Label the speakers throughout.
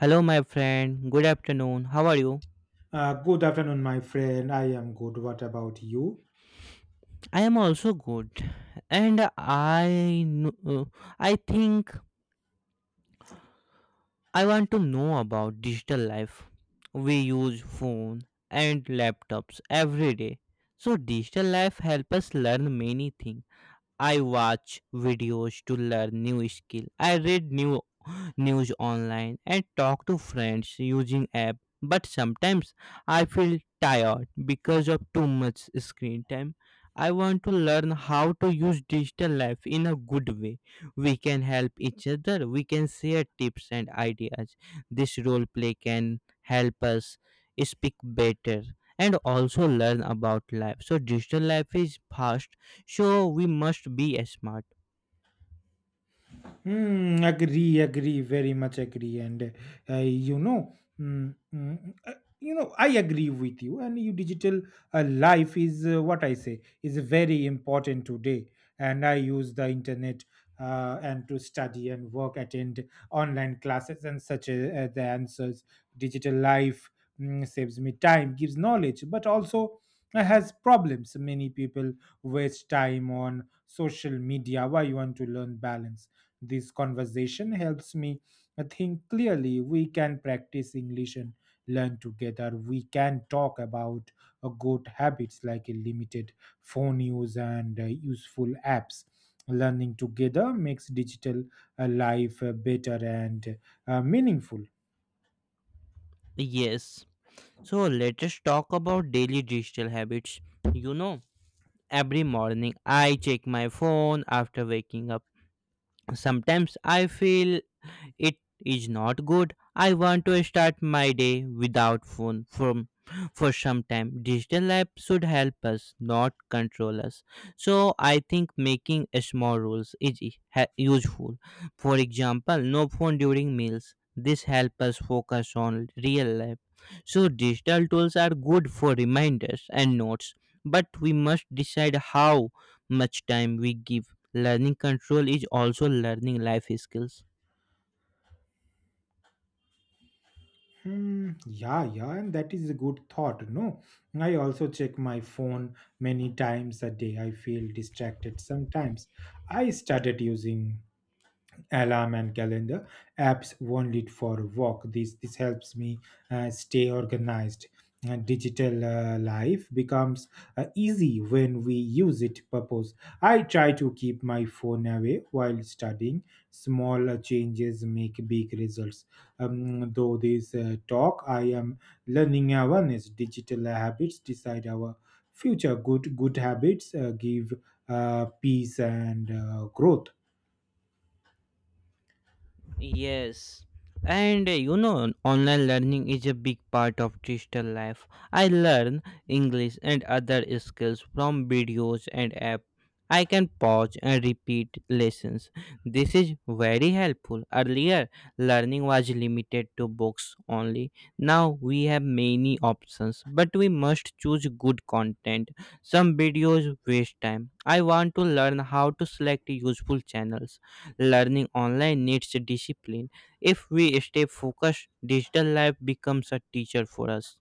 Speaker 1: Hello, my friend. Good afternoon. How are you?
Speaker 2: Good afternoon, my friend. I am good. What about you?
Speaker 1: I am also good, and I think I want to know about digital life. We use phone and laptops every day, so digital life help us learn many things. I watch videos to learn new skill. I read new news online and talk to friends using app. But sometimes I feel tired because of too much screen time. I want to learn how to use digital life in a good way. We can help each other. We can share tips and ideas. This role play can help us speak better and also learn about life. So digital life is fast, so we must be smart.
Speaker 2: Hmm, agree, agree, very much agree. And you know, mm, mm, you know, I agree with you. And your digital life is what I say is very important today. And I use the internet and to study and work, attend online classes and such. The answers, digital life saves me time, gives knowledge, but also has problems. Many people waste time on social media. Why you want to learn balance? This conversation helps me think clearly. We can practice English and learn together. We can talk about good habits like a limited phone use and useful apps. Learning together makes digital life better and meaningful.
Speaker 1: Yes. So let us talk about daily digital habits. You know, every morning I check my phone after waking up. Sometimes I feel it is not good. I want to start my day without phone from for some time. Digital app should help us, not control us. So I think making a small rules is useful. For example, no phone during meals. This helps us focus on real life. So digital tools are good for reminders and notes, but we must decide how much time we give. Learning control is also learning life skills.
Speaker 2: Hmm, yeah, yeah, and that is a good thought. No, I also check my phone many times a day. I feel distracted sometimes. I started using alarm and calendar apps only for work. This helps me stay organized. Digital life becomes easy when we use it purpose. I try to keep my phone away while studying. Small changes make big results. Though this talk I am learning awareness. Digital habits decide our future. Good habits give peace and growth.
Speaker 1: Yes. And you know, online learning is a big part of digital life. I learn English and other skills from videos and app. I can pause and repeat lessons. This is very helpful. Earlier, learning was limited to books only. Now we have many options, but we must choose good content. Some videos waste time. I want to learn how to select useful channels. Learning online needs discipline. If we stay focused, digital life becomes a teacher for us.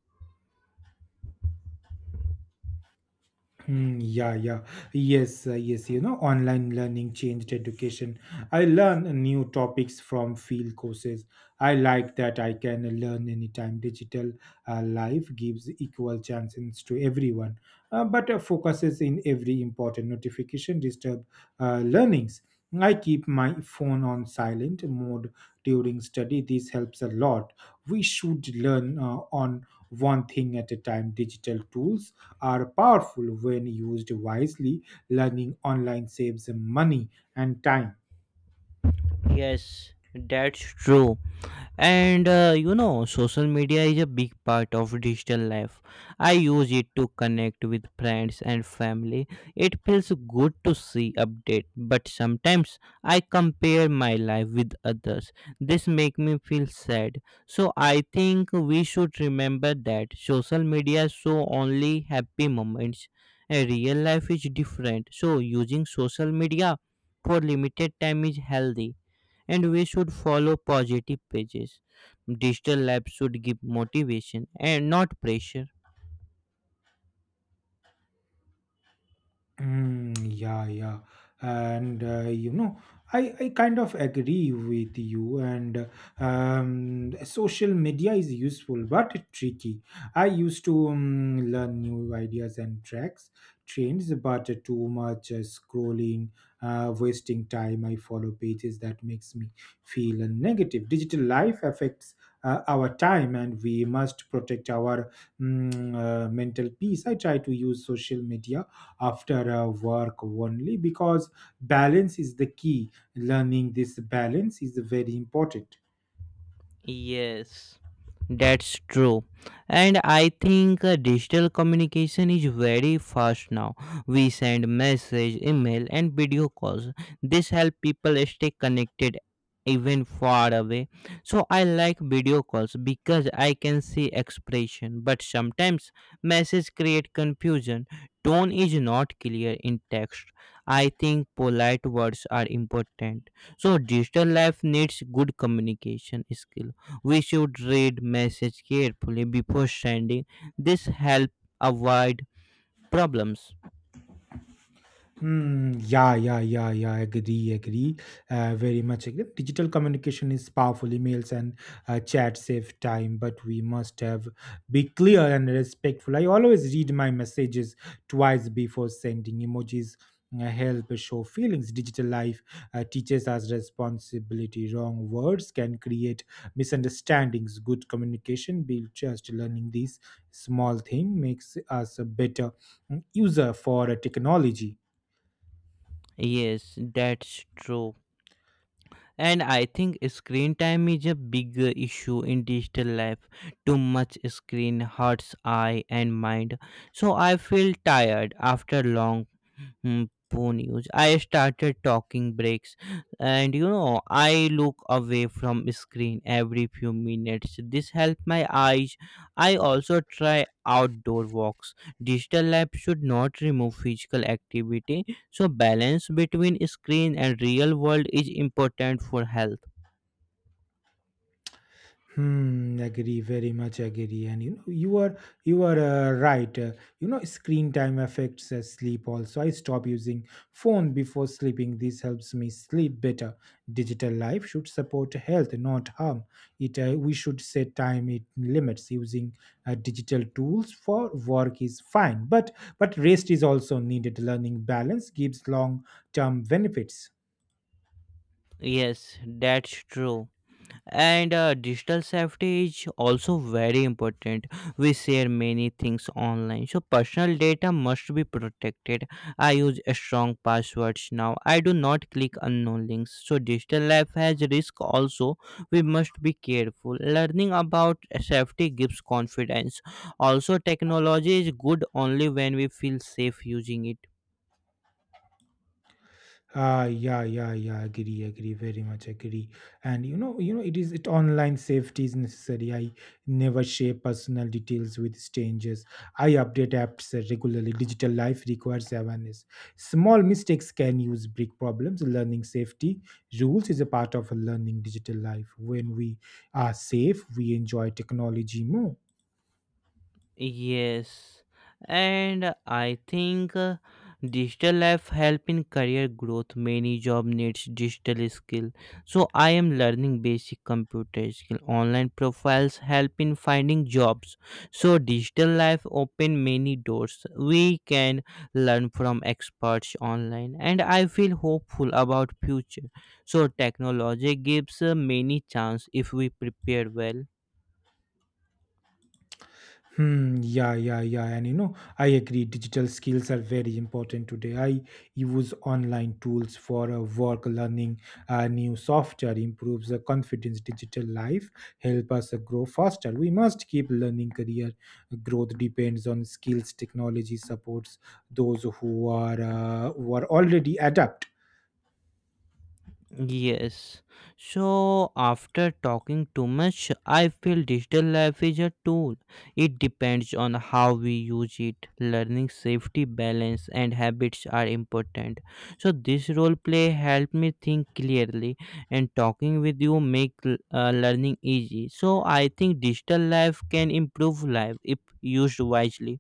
Speaker 2: Hmm, yeah, yeah. Yes, yes. You know, online learning changed education. I learn new topics from field courses. I like that I can learn anytime. Digital life gives equal chances to everyone, but focuses in every important notification disturb learnings. I keep my phone on silent mode during study. This helps a lot. We should learn on one thing at a time. Digital tools are powerful when used wisely. Learning online saves money and time.
Speaker 1: Yes, that's true. And you know, social media is a big part of digital life. I use it to connect with friends and family. It feels good to see update, but sometimes I compare my life with others. This make me feel sad, so I think we should remember that social media show only happy moments, and real life is different. So using social media for limited time is healthy, and we should follow positive pages. Digital labs should give motivation and not pressure.
Speaker 2: Mm, yeah, yeah, and I kind of agree with you. And social media is useful but tricky. I used to learn new ideas and tracks, trends, but too much scrolling, wasting time. I follow pages that makes me feel negative. Digital life affects our time, and we must protect our mental peace. I try to use social media after work only because balance is the key. Learning this balance is very important.
Speaker 1: Yes, that's true. And I think digital communication is very fast now. We send message, email and video calls. This help people stay connected even far away. So I like video calls because I can see expression, but sometimes message create confusion. Tone is not clear in text. I think polite words are important. So digital life needs good communication skill. We should read message carefully before sending. This help avoid problems.
Speaker 2: Mm, yeah, yeah, yeah, yeah. Agree, agree. Very much agree. Digital communication is powerful. Emails and chat save time, but we must have be clear and respectful. I always read my messages twice before sending. Emojis help show feelings. Digital life teaches us responsibility. Wrong words can create misunderstandings. Good communication build trust. Learning these small thing makes us a better user for technology.
Speaker 1: Yes, that's true. And I think screen time is a big issue in digital life. Too much screen hurts eye and mind. So I feel tired after long Hmm, poor news. I started talking breaks, and you know, I look away from screen every few minutes. This helps my eyes. I also try outdoor walks. Digital lab should not remove physical activity, so balance between screen and real world is important for health.
Speaker 2: Hmm, agree, very much agree. And you know, you are right. Screen time affects sleep also. I stop using phone before sleeping. This helps me sleep better. Digital life should support health, not harm. It We should set time it limits. Using digital tools for work is fine, but rest is also needed. Learning balance gives long term benefits.
Speaker 1: Yes, that's true. And Digital safety is also very important. We share many things online, so personal data must be protected. I use strong passwords now. I do not click unknown links. So digital life has risk also. We must be careful. Learning about safety gives confidence. Also, technology is good only when we feel safe using it.
Speaker 2: Yeah, yeah, yeah. Agree, agree. Very much agree. And you know, it is it online safety is necessary. I never share personal details with strangers. I update apps regularly. Digital life requires awareness. Small mistakes can use big problems. Learning safety rules is a part of learning digital life. When we are safe, we enjoy technology more.
Speaker 1: Yes, and I think digital life help in career growth. Many job needs digital skill, so I am learning basic computer skill. Online profiles help in finding jobs. So digital life open many doors. We can learn from experts online, and I feel hopeful about future. So technology gives many chance if we prepare well.
Speaker 2: Hmm, yeah, yeah, yeah. And you know, I agree, digital skills are very important today. I use online tools for work, learning new software, improves the confidence. Digital life help us grow faster. We must keep learning career. Growth depends on skills. Technology supports those who are, already adept.
Speaker 1: Yes. So after talking too much, I feel digital life is a tool. It depends on how we use it. Learning safety, balance, and habits are important. So this role play helped me think clearly, and talking with you make learning easy. So I think digital life can improve life if used wisely.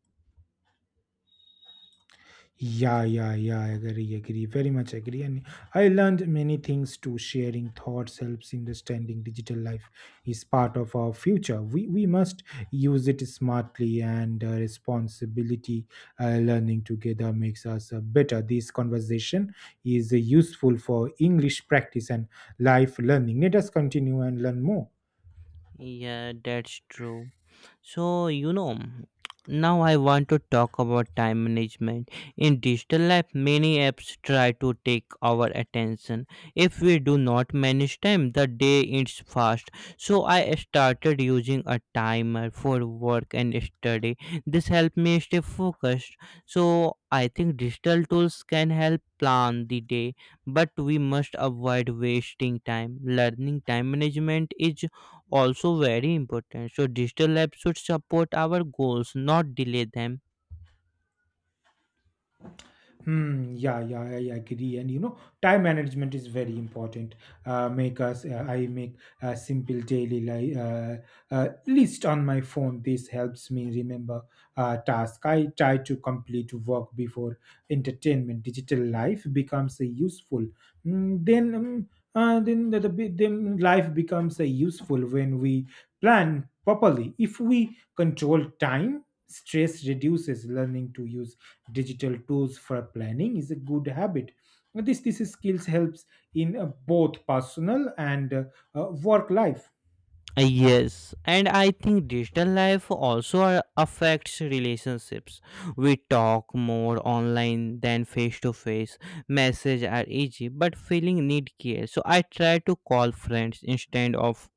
Speaker 2: Yeah, yeah, yeah. I agree, agree. Very much agree. And I learned many things too. Sharing thoughts helps understanding. Digital life is part of our future. We must use it smartly and responsibility. Learning together makes us better. This conversation is useful for English practice and life learning. Let us continue and learn more.
Speaker 1: Yeah, that's true. So, you know, now I want to talk about time management. In digital life, many apps try to take our attention. If we do not manage time, the day ends fast. So, I started using a timer for work and study. This helped me stay focused. So, I think digital tools can help plan the day, but we must avoid wasting time. Learning time management is also very important. So digital labs should support our goals, not delay them.
Speaker 2: Hmm, yeah, yeah, I agree. And you know, time management is very important. I make a simple daily list on my phone. This helps me remember task. I try to complete work before entertainment. Digital life becomes a useful. Mm, then the bi- then Life becomes a useful when we plan properly. If we control time, stress reduces. Learning to use digital tools for planning is a good habit. This skills helps in both personal and work life.
Speaker 1: Yes, and I think digital life also affects relationships. We talk more online than face to face. Messages are easy, but feeling need care. So I try to call friends instead of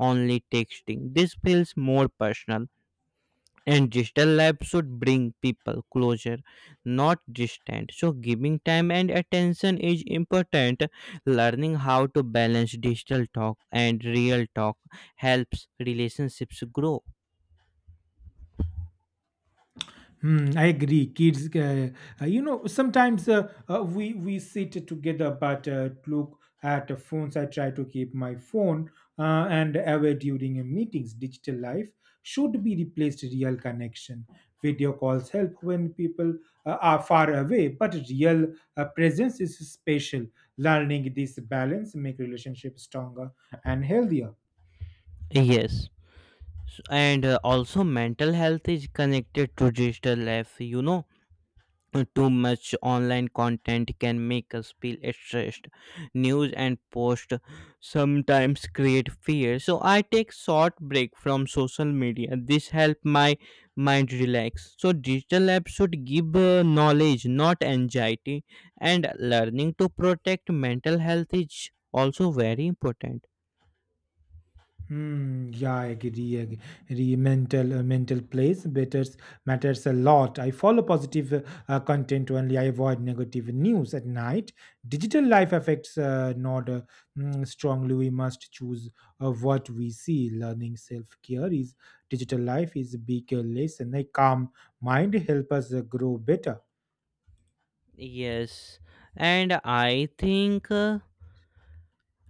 Speaker 1: only texting. This feels more personal. And digital lab should bring people closer, not distant. So giving time and attention is important. Learning how to balance digital talk and real talk helps relationships grow.
Speaker 2: Hmm, I agree. Kids, you know, sometimes we sit together, but look at the phones. I try to keep my phone and away during a meetings. Digital life should be replaced real connection. Video calls help when people are far away, but real presence is special. Learning this balance make relationship stronger and healthier.
Speaker 1: Yes. And also mental health is connected to digital life. You know, too much online content can make us feel stressed. News and posts sometimes create fear, so I take short break from social media. This help my mind relax. So digital apps should give knowledge, not anxiety, and learning to protect mental health is also very important.
Speaker 2: Hmm. Yeah, I agree. I agree. Mental, mental place matters a lot. I follow positive content only. I avoid negative news at night. Digital life affects not mm, strongly. We must choose what we see. Learning self care is digital life is a big lesson. A calm mind help us grow better.
Speaker 1: Yes, and I think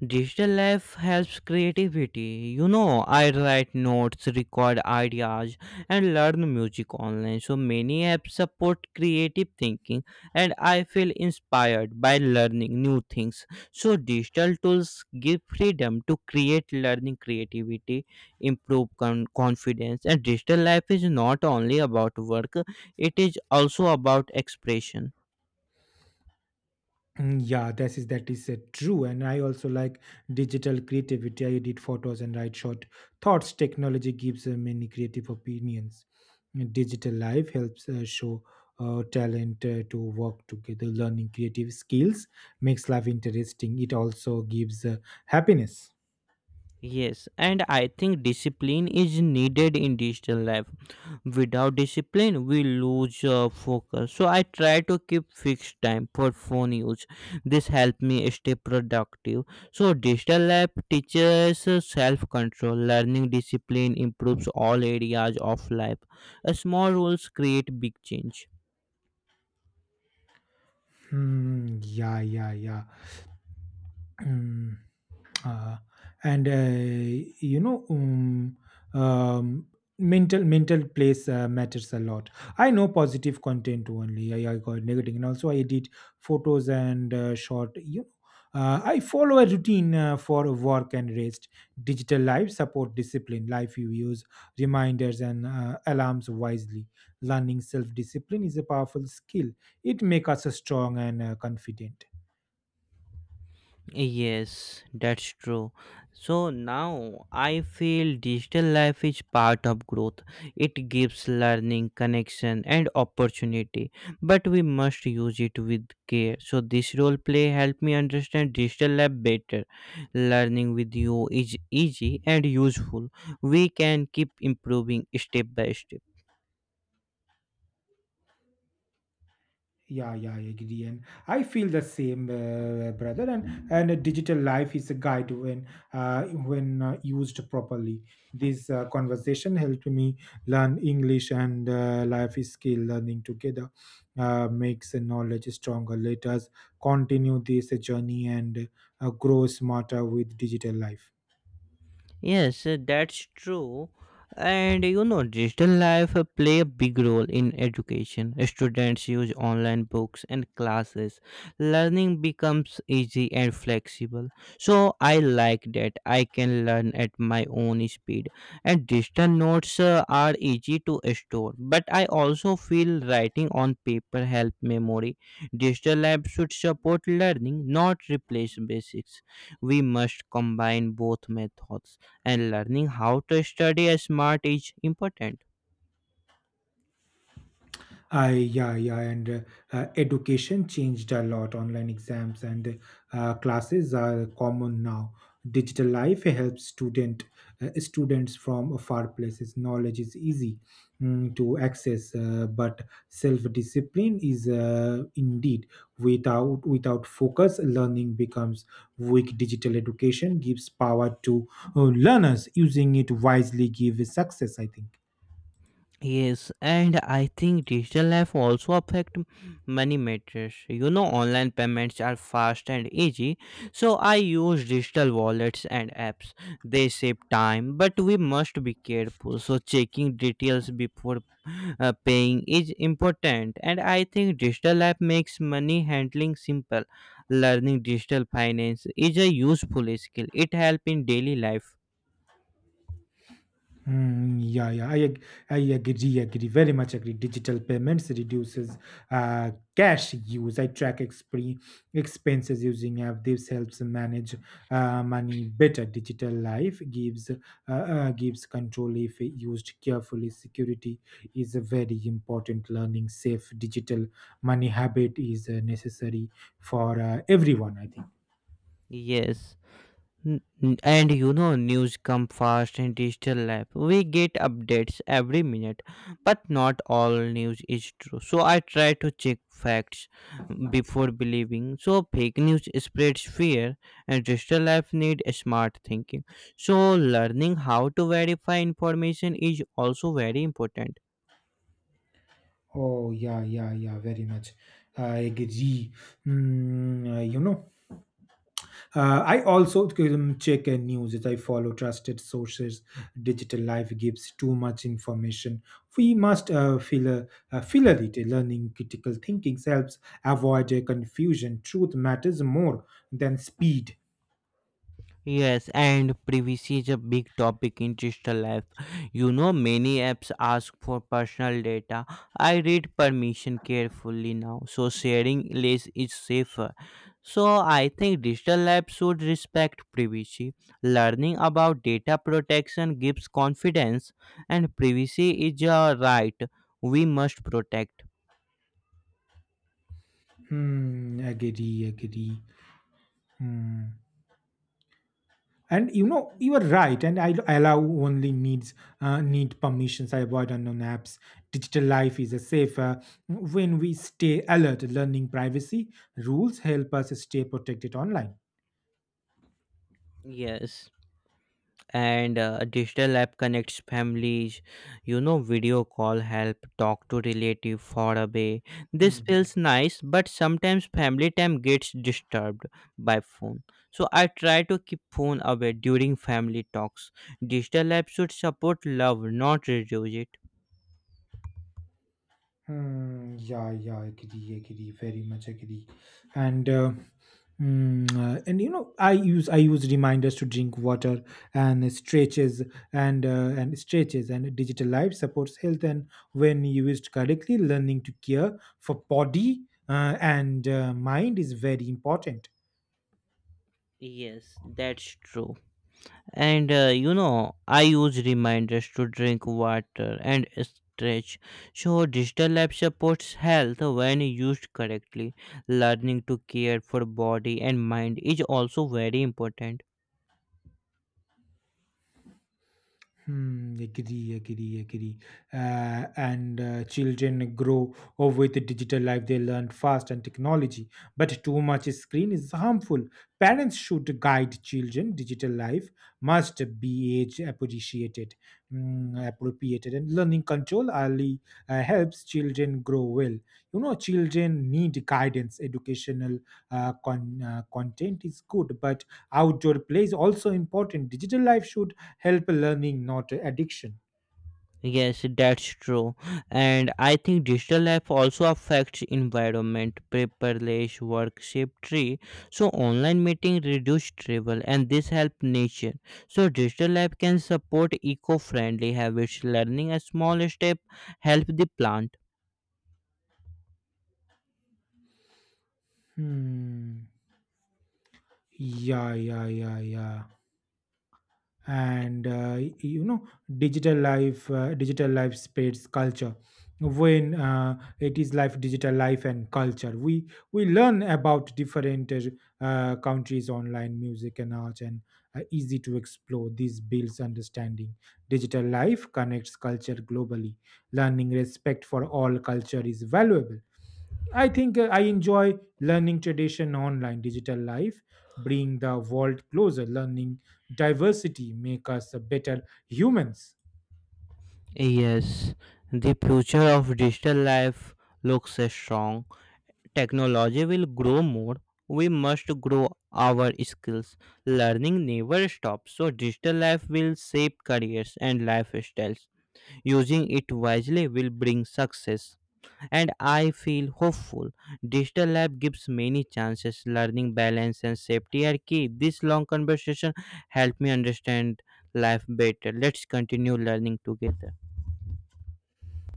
Speaker 1: digital life helps creativity. You know, I write notes, record ideas, and learn music online. So many apps support creative thinking, and I feel inspired by learning new things. So digital tools give freedom to create learning creativity, improve confidence, and digital life is not only about work, it is also about expression.
Speaker 2: Mm, yeah, that is true, and I also like digital creativity. I edit photos and write short thoughts. Technology gives many creative opinions. And digital life helps show talent to work together. Learning creative skills makes life interesting. It also gives happiness.
Speaker 1: Yes, and I think discipline is needed in digital life. Without discipline, we lose focus. So I try to keep fixed time for phone use. This help me stay productive. So digital life teaches self control. Learning discipline improves all areas of life. Small rules create big change.
Speaker 2: Hmm, yeah, yeah, yeah. Hmm. Uh, and you know um, Mental place matters a lot. I know positive content only. I got negative, and also I edit photos and short I follow a routine for work and rest. Digital life support discipline life. You use reminders and alarms wisely. Learning self discipline is a powerful skill. It makes us strong and confident.
Speaker 1: Yes, that's true. So now I feel digital life is part of growth. It gives learning, connection, and opportunity, but we must use it with care. So this role play helped me understand digital life better. Learning with you is easy and useful. We can keep improving step by step.
Speaker 2: Yeah, yeah, I agree, and I feel the same, brother. And a digital life is a guide when used properly. This conversation helped me learn English and life is skill. Learning together makes the knowledge stronger. Let us continue this journey and grow smarter with digital life.
Speaker 1: Yes, that's true. And you know, digital life play a big role in education. Students use online books and classes. Learning becomes easy and flexible. So I like that I can learn at my own speed. And digital notes are easy to store. But I also feel writing on paper help memory. Digital lab should support learning, not replace basics. We must combine both methods and learning how to study smart is important.
Speaker 2: I yeah yeah and education changed a lot. Online exams and classes are common now. Digital life helps students from far places. Knowledge is easy to access, but self discipline is indeed. Without focus, learning becomes weak. Digital education gives power to learners. Using it wisely gives success, I think.
Speaker 1: Yes, and I think digital life also affect money matters. You know, online payments are fast and easy, so I use digital wallets and apps. They save time, but we must be careful. So checking details before paying is important, and I think digital app makes money handling simple. Learning digital finance is a useful skill. It helps in daily life.
Speaker 2: Mm, yeah, yeah, I agree, agree, very much agree. Digital payments reduces cash use. I track expenses using app. This helps manage money better. Digital life gives gives control if used carefully. Security is a very important learning. Safe digital money habit is necessary for everyone, I think.
Speaker 1: Yes. And you know, news come fast in digital life. We get updates every minute, but not all news is true. So I try to check facts before believing. So fake news spreads fear, and digital life need smart thinking. So learning how to verify information is also very important.
Speaker 2: Oh yeah, yeah, yeah, very much. I agree. Mm, uh, you know. I also check news. I follow trusted sources. Digital life gives too much information. We must filter it. Learning critical thinking helps avoid confusion. Truth matters more than speed.
Speaker 1: Yes, and privacy is a big topic in digital life. You know, many apps ask for personal data. I read permission carefully now, so sharing less is safer. So I think digital labs should respect privacy. Learning about data protection gives confidence, and privacy is a right we must protect.
Speaker 2: Hmm, agree, agree. Hmm. And you know, you are right, and I allow only needs need permissions. I avoid unknown apps. Digital life is a safer when we stay alert. Learning privacy rules help us stay protected online.
Speaker 1: Yes. and Digital app connects families. You know, video call help talk to relative far away. This
Speaker 2: Mhm.
Speaker 1: feels nice, but sometimes family time gets disturbed by phone. So I try to keep phone away during family talks. Digital app should support love, not reduce it.
Speaker 2: Hmm, yeah, yeah, agree, agree, very much agree. And uh, and you know, I use reminders to drink water and stretches and stretches, and digital life supports health and when used correctly. Learning to care for body and mind is very important.
Speaker 1: Yes, that's true. And you know, I use reminders to drink water and stretch. So, digital app supports health when used correctly. Learning to care for body and mind is also very important.
Speaker 2: Hmm, agree, agree, agree. And Children grow up with the digital life. They learn fast and technology, but too much screen is harmful. Parents should guide children. Digital life must be age appreciated, appropriated, and learning control early helps children grow well. You know, children need guidance. Educational content is good, but outdoor play is also important. Digital life should help learning not addiction.
Speaker 1: Yes, that's true. And I think digital life also affects environment, paperless work shift tree. So online meeting reduce travel and this help nature. So digital life can support eco-friendly habits. Learning a small step help the plant.
Speaker 2: Hmm. Yeah, yeah, yeah, yeah. You know, digital life, digital life spreads culture. When it is life, digital life and culture, we learn about different countries, online music and arts, and easy to explore. These builds understanding. Digital life connects culture globally. Learning respect for all culture is valuable. I think I enjoy learning tradition online. Digital life bring the world closer, learning diversity, make us a better humans.
Speaker 1: Yes, the future of digital life looks strong. Technology will grow more, we must grow our skills. Learning never stops, so digital life will shape careers and lifestyles. Using it wisely will bring success. And I feel hopeful. Digital life gives many chances. Learning balance and safety are key. This long conversation helped me understand life better. Let's continue learning together.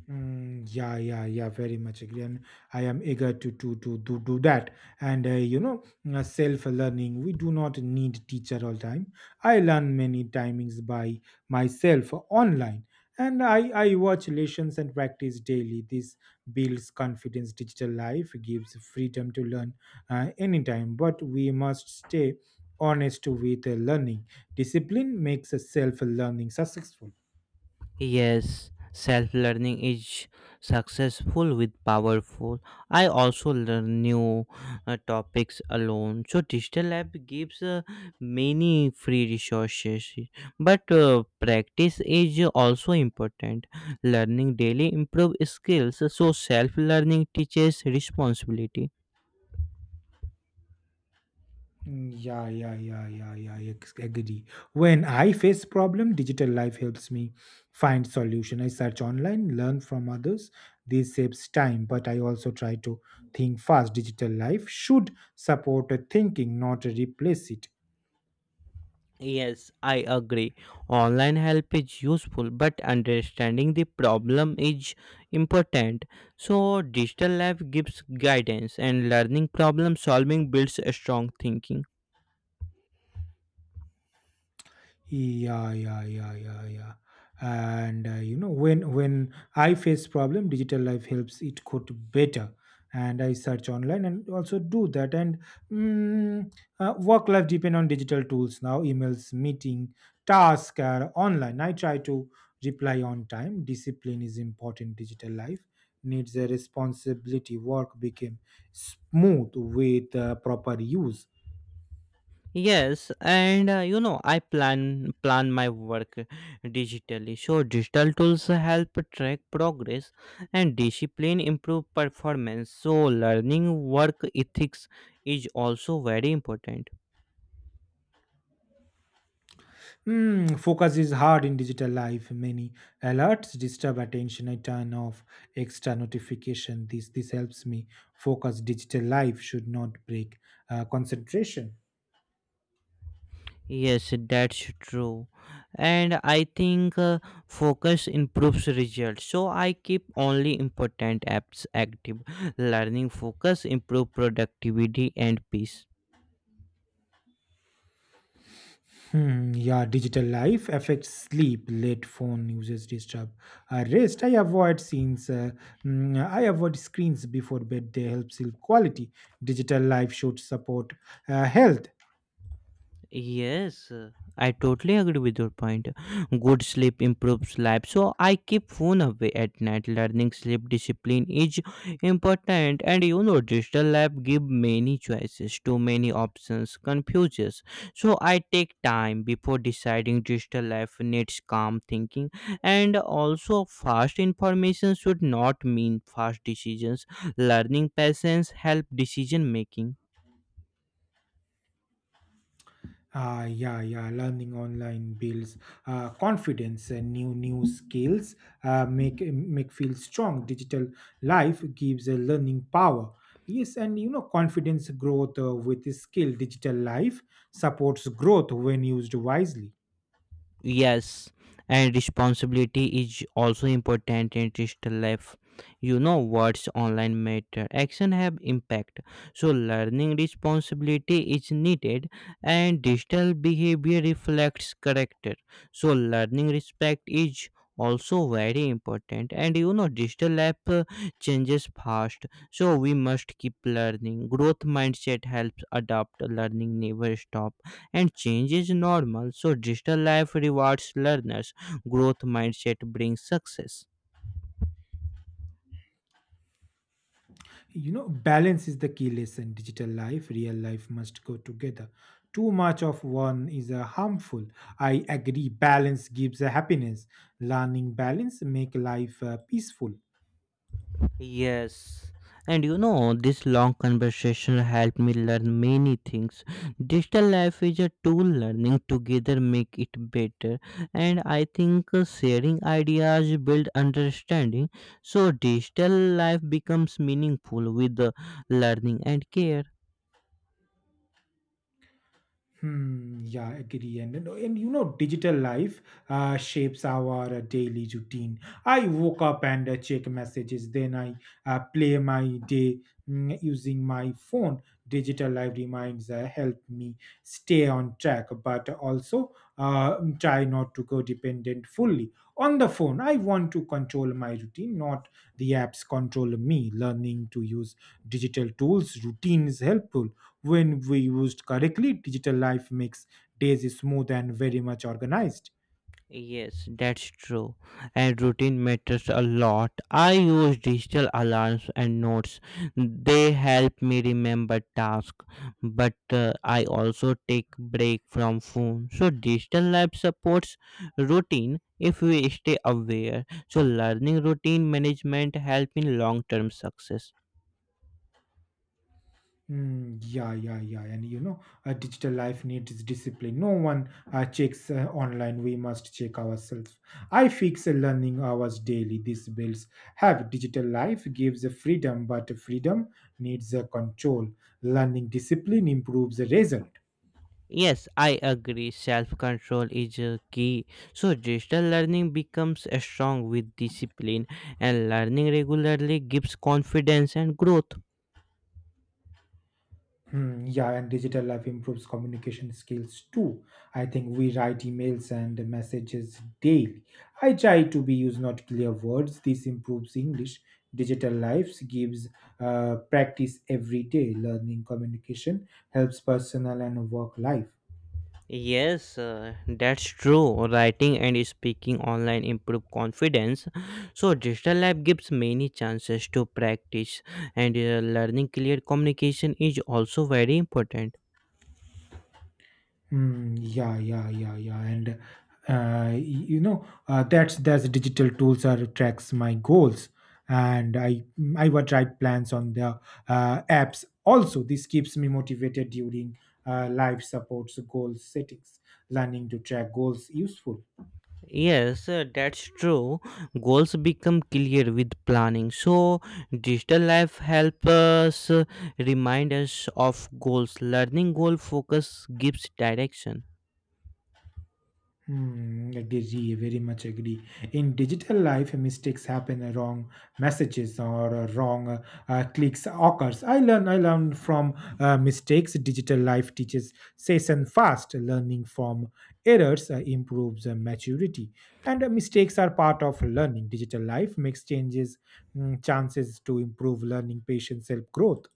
Speaker 2: Yeah, yeah, yeah, very much agree. And I am eager to do that. And uh, you know, Self-learning. We do not need teacher all time. I learn many timings by myself online, and I watch lessons and practice daily. This builds confidence. Digital life gives freedom to learn anytime, but we must stay honest with learning. Discipline makes self-learning successful.
Speaker 1: Yes, self learning is successful with powerful. I also learn new topics alone. So digital lab gives many free resources, but practice is also important. Learning daily improve skills. So self learning teaches responsibility.
Speaker 2: Mm, yeah, yeah, yeah, yeah, yeah. Agree. When I face problem, digital life helps me find solution. I search online, learn from others. This saves time, but I also try to think fast. Digital life should support a thinking, not replace it.
Speaker 1: Yes, I agree. Online help is useful, but understanding the problem is important. So, digital lab gives guidance, and learning problem solving builds a strong thinking.
Speaker 2: Yeah, yeah, yeah, yeah, yeah. When I face problem, digital life helps it code better. And I search online and also do that. Mm, Work life depend on digital tools now. Emails, meeting, task are online. I try to reply on time. Discipline is important. Digital life needs a responsibility. Work became smooth with proper use.
Speaker 1: Yes, and you know, I plan my work digitally. So, digital tools help track progress and discipline improve performance. So, learning work ethics is also very important.
Speaker 2: Hmm, focus is hard in digital life. Many alerts disturb attention. I turn off extra notification. This helps me focus. Digital life should not break concentration.
Speaker 1: Yes, that's true. And I think focus improves results. So I keep only important apps active. Learning focus improve productivity and peace.
Speaker 2: Hmm, yeah, digital life affects sleep. Late phone users disturb rest. I avoid scenes. I avoid screens before bed. They help sleep quality. Digital life should support health.
Speaker 1: Yes, I totally agree with your point. Good sleep improves life. So I keep phone away at night. Learning sleep discipline is important, and you know, digital lab give many choices. Too many options confuses. So I take time before deciding. Digital life needs calm thinking, and also fast information should not mean fast decisions. Learning patience help decision making.
Speaker 2: Yeah, yeah. Learning online builds confidence and new skills. Make feel strong. Digital life gives a learning power. Yes, and you know confidence growth with skill. Digital life supports growth when used wisely.
Speaker 1: Yes, and responsibility is also important in digital life. You know, words online matter. Action have impact. So learning responsibility is needed, and digital behavior reflects character. So learning respect is also very important. And you know, digital life changes fast. So we must keep learning. Growth mindset helps adapt. Learning never stop, and change is normal, so digital life rewards learners. Growth mindset brings success.
Speaker 2: You know balance is the key lesson. Digital life, real life must go together. Too much of one is harmful. I agree. Balance gives a happiness. Learning balance make life peaceful.
Speaker 1: Yes, and you know, this long conversation helped me learn many things. Digital life is a tool. Learning together make it better. And I think sharing ideas build understanding. So digital life becomes meaningful with the learning and care.
Speaker 2: Hmm, yeah, agree. Digital life shapes our daily routine. I woke up and check messages, then I play my day using my phone. Digital life reminds, help me stay on track, but also try not to go dependent fully on the phone. I want to control my routine, not the apps control me. Learning to use digital tools, routine is helpful. When we used correctly, digital life makes days smooth and very much organized.
Speaker 1: Yes, that's true. And routine matters a lot. I use digital alarms and notes. They help me remember tasks, but I also take break from phone. So digital life supports routine if we stay aware. So learning routine management help in long-term success.
Speaker 2: Yeah, yeah, yeah. And you know, a digital life needs discipline. No one checks online. We must check ourselves. I fix a learning hours daily. These bills have digital life gives a freedom, but freedom needs a control. Learning discipline improves the result.
Speaker 1: Yes, I agree. Self control is a key. So, digital learning becomes strong with discipline, and learning regularly gives confidence and growth.
Speaker 2: Hmm, yeah, and digital life improves communication skills too. I think we write emails and messages daily. I try to be use not clear words. This improves English. Digital lives gives practice every day. Learning communication helps personal and work life.
Speaker 1: Yes, that's true. Writing and speaking online improve confidence. So, digital lab gives many chances to practice, and learning clear communication is also very important.
Speaker 2: Yeah, yeah, yeah, yeah, and y- you know that's digital tools are tracks my goals, and I would write plans on the apps. Also, this keeps me motivated during life supports goal settings. Learning to track goals useful.
Speaker 1: Yes, that's true. Goals become clear with planning. So, digital life helps us remind us of goals. Learning goal focus gives direction.
Speaker 2: Hmm, agree, very much agree. In digital life, mistakes happen, wrong messages or wrong clicks occurs. I learn from mistakes. Digital life teaches session fast. Learning from errors improves maturity, and mistakes are part of learning. Digital life makes changes, chances to improve learning, patience, self growth.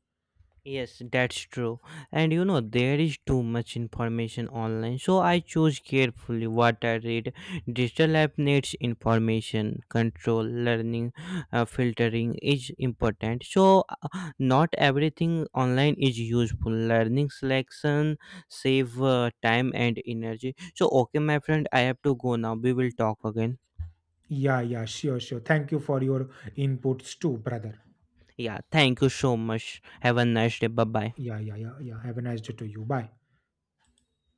Speaker 1: Yes, that's true. And you know, there is too much information online, so I choose carefully what I read. Digital app needs information control, learning, filtering is important. So, not everything online is useful. Learning selection save time and energy. So, okay, my friend, I have to go now. We will talk again.
Speaker 2: Yeah, yeah, sure, sure. Thank you for your inputs too, brother.
Speaker 1: Yeah, thank you so much. Have a nice day. Bye bye.
Speaker 2: Yeah, yeah, yeah, yeah. Have a nice day to you. Bye.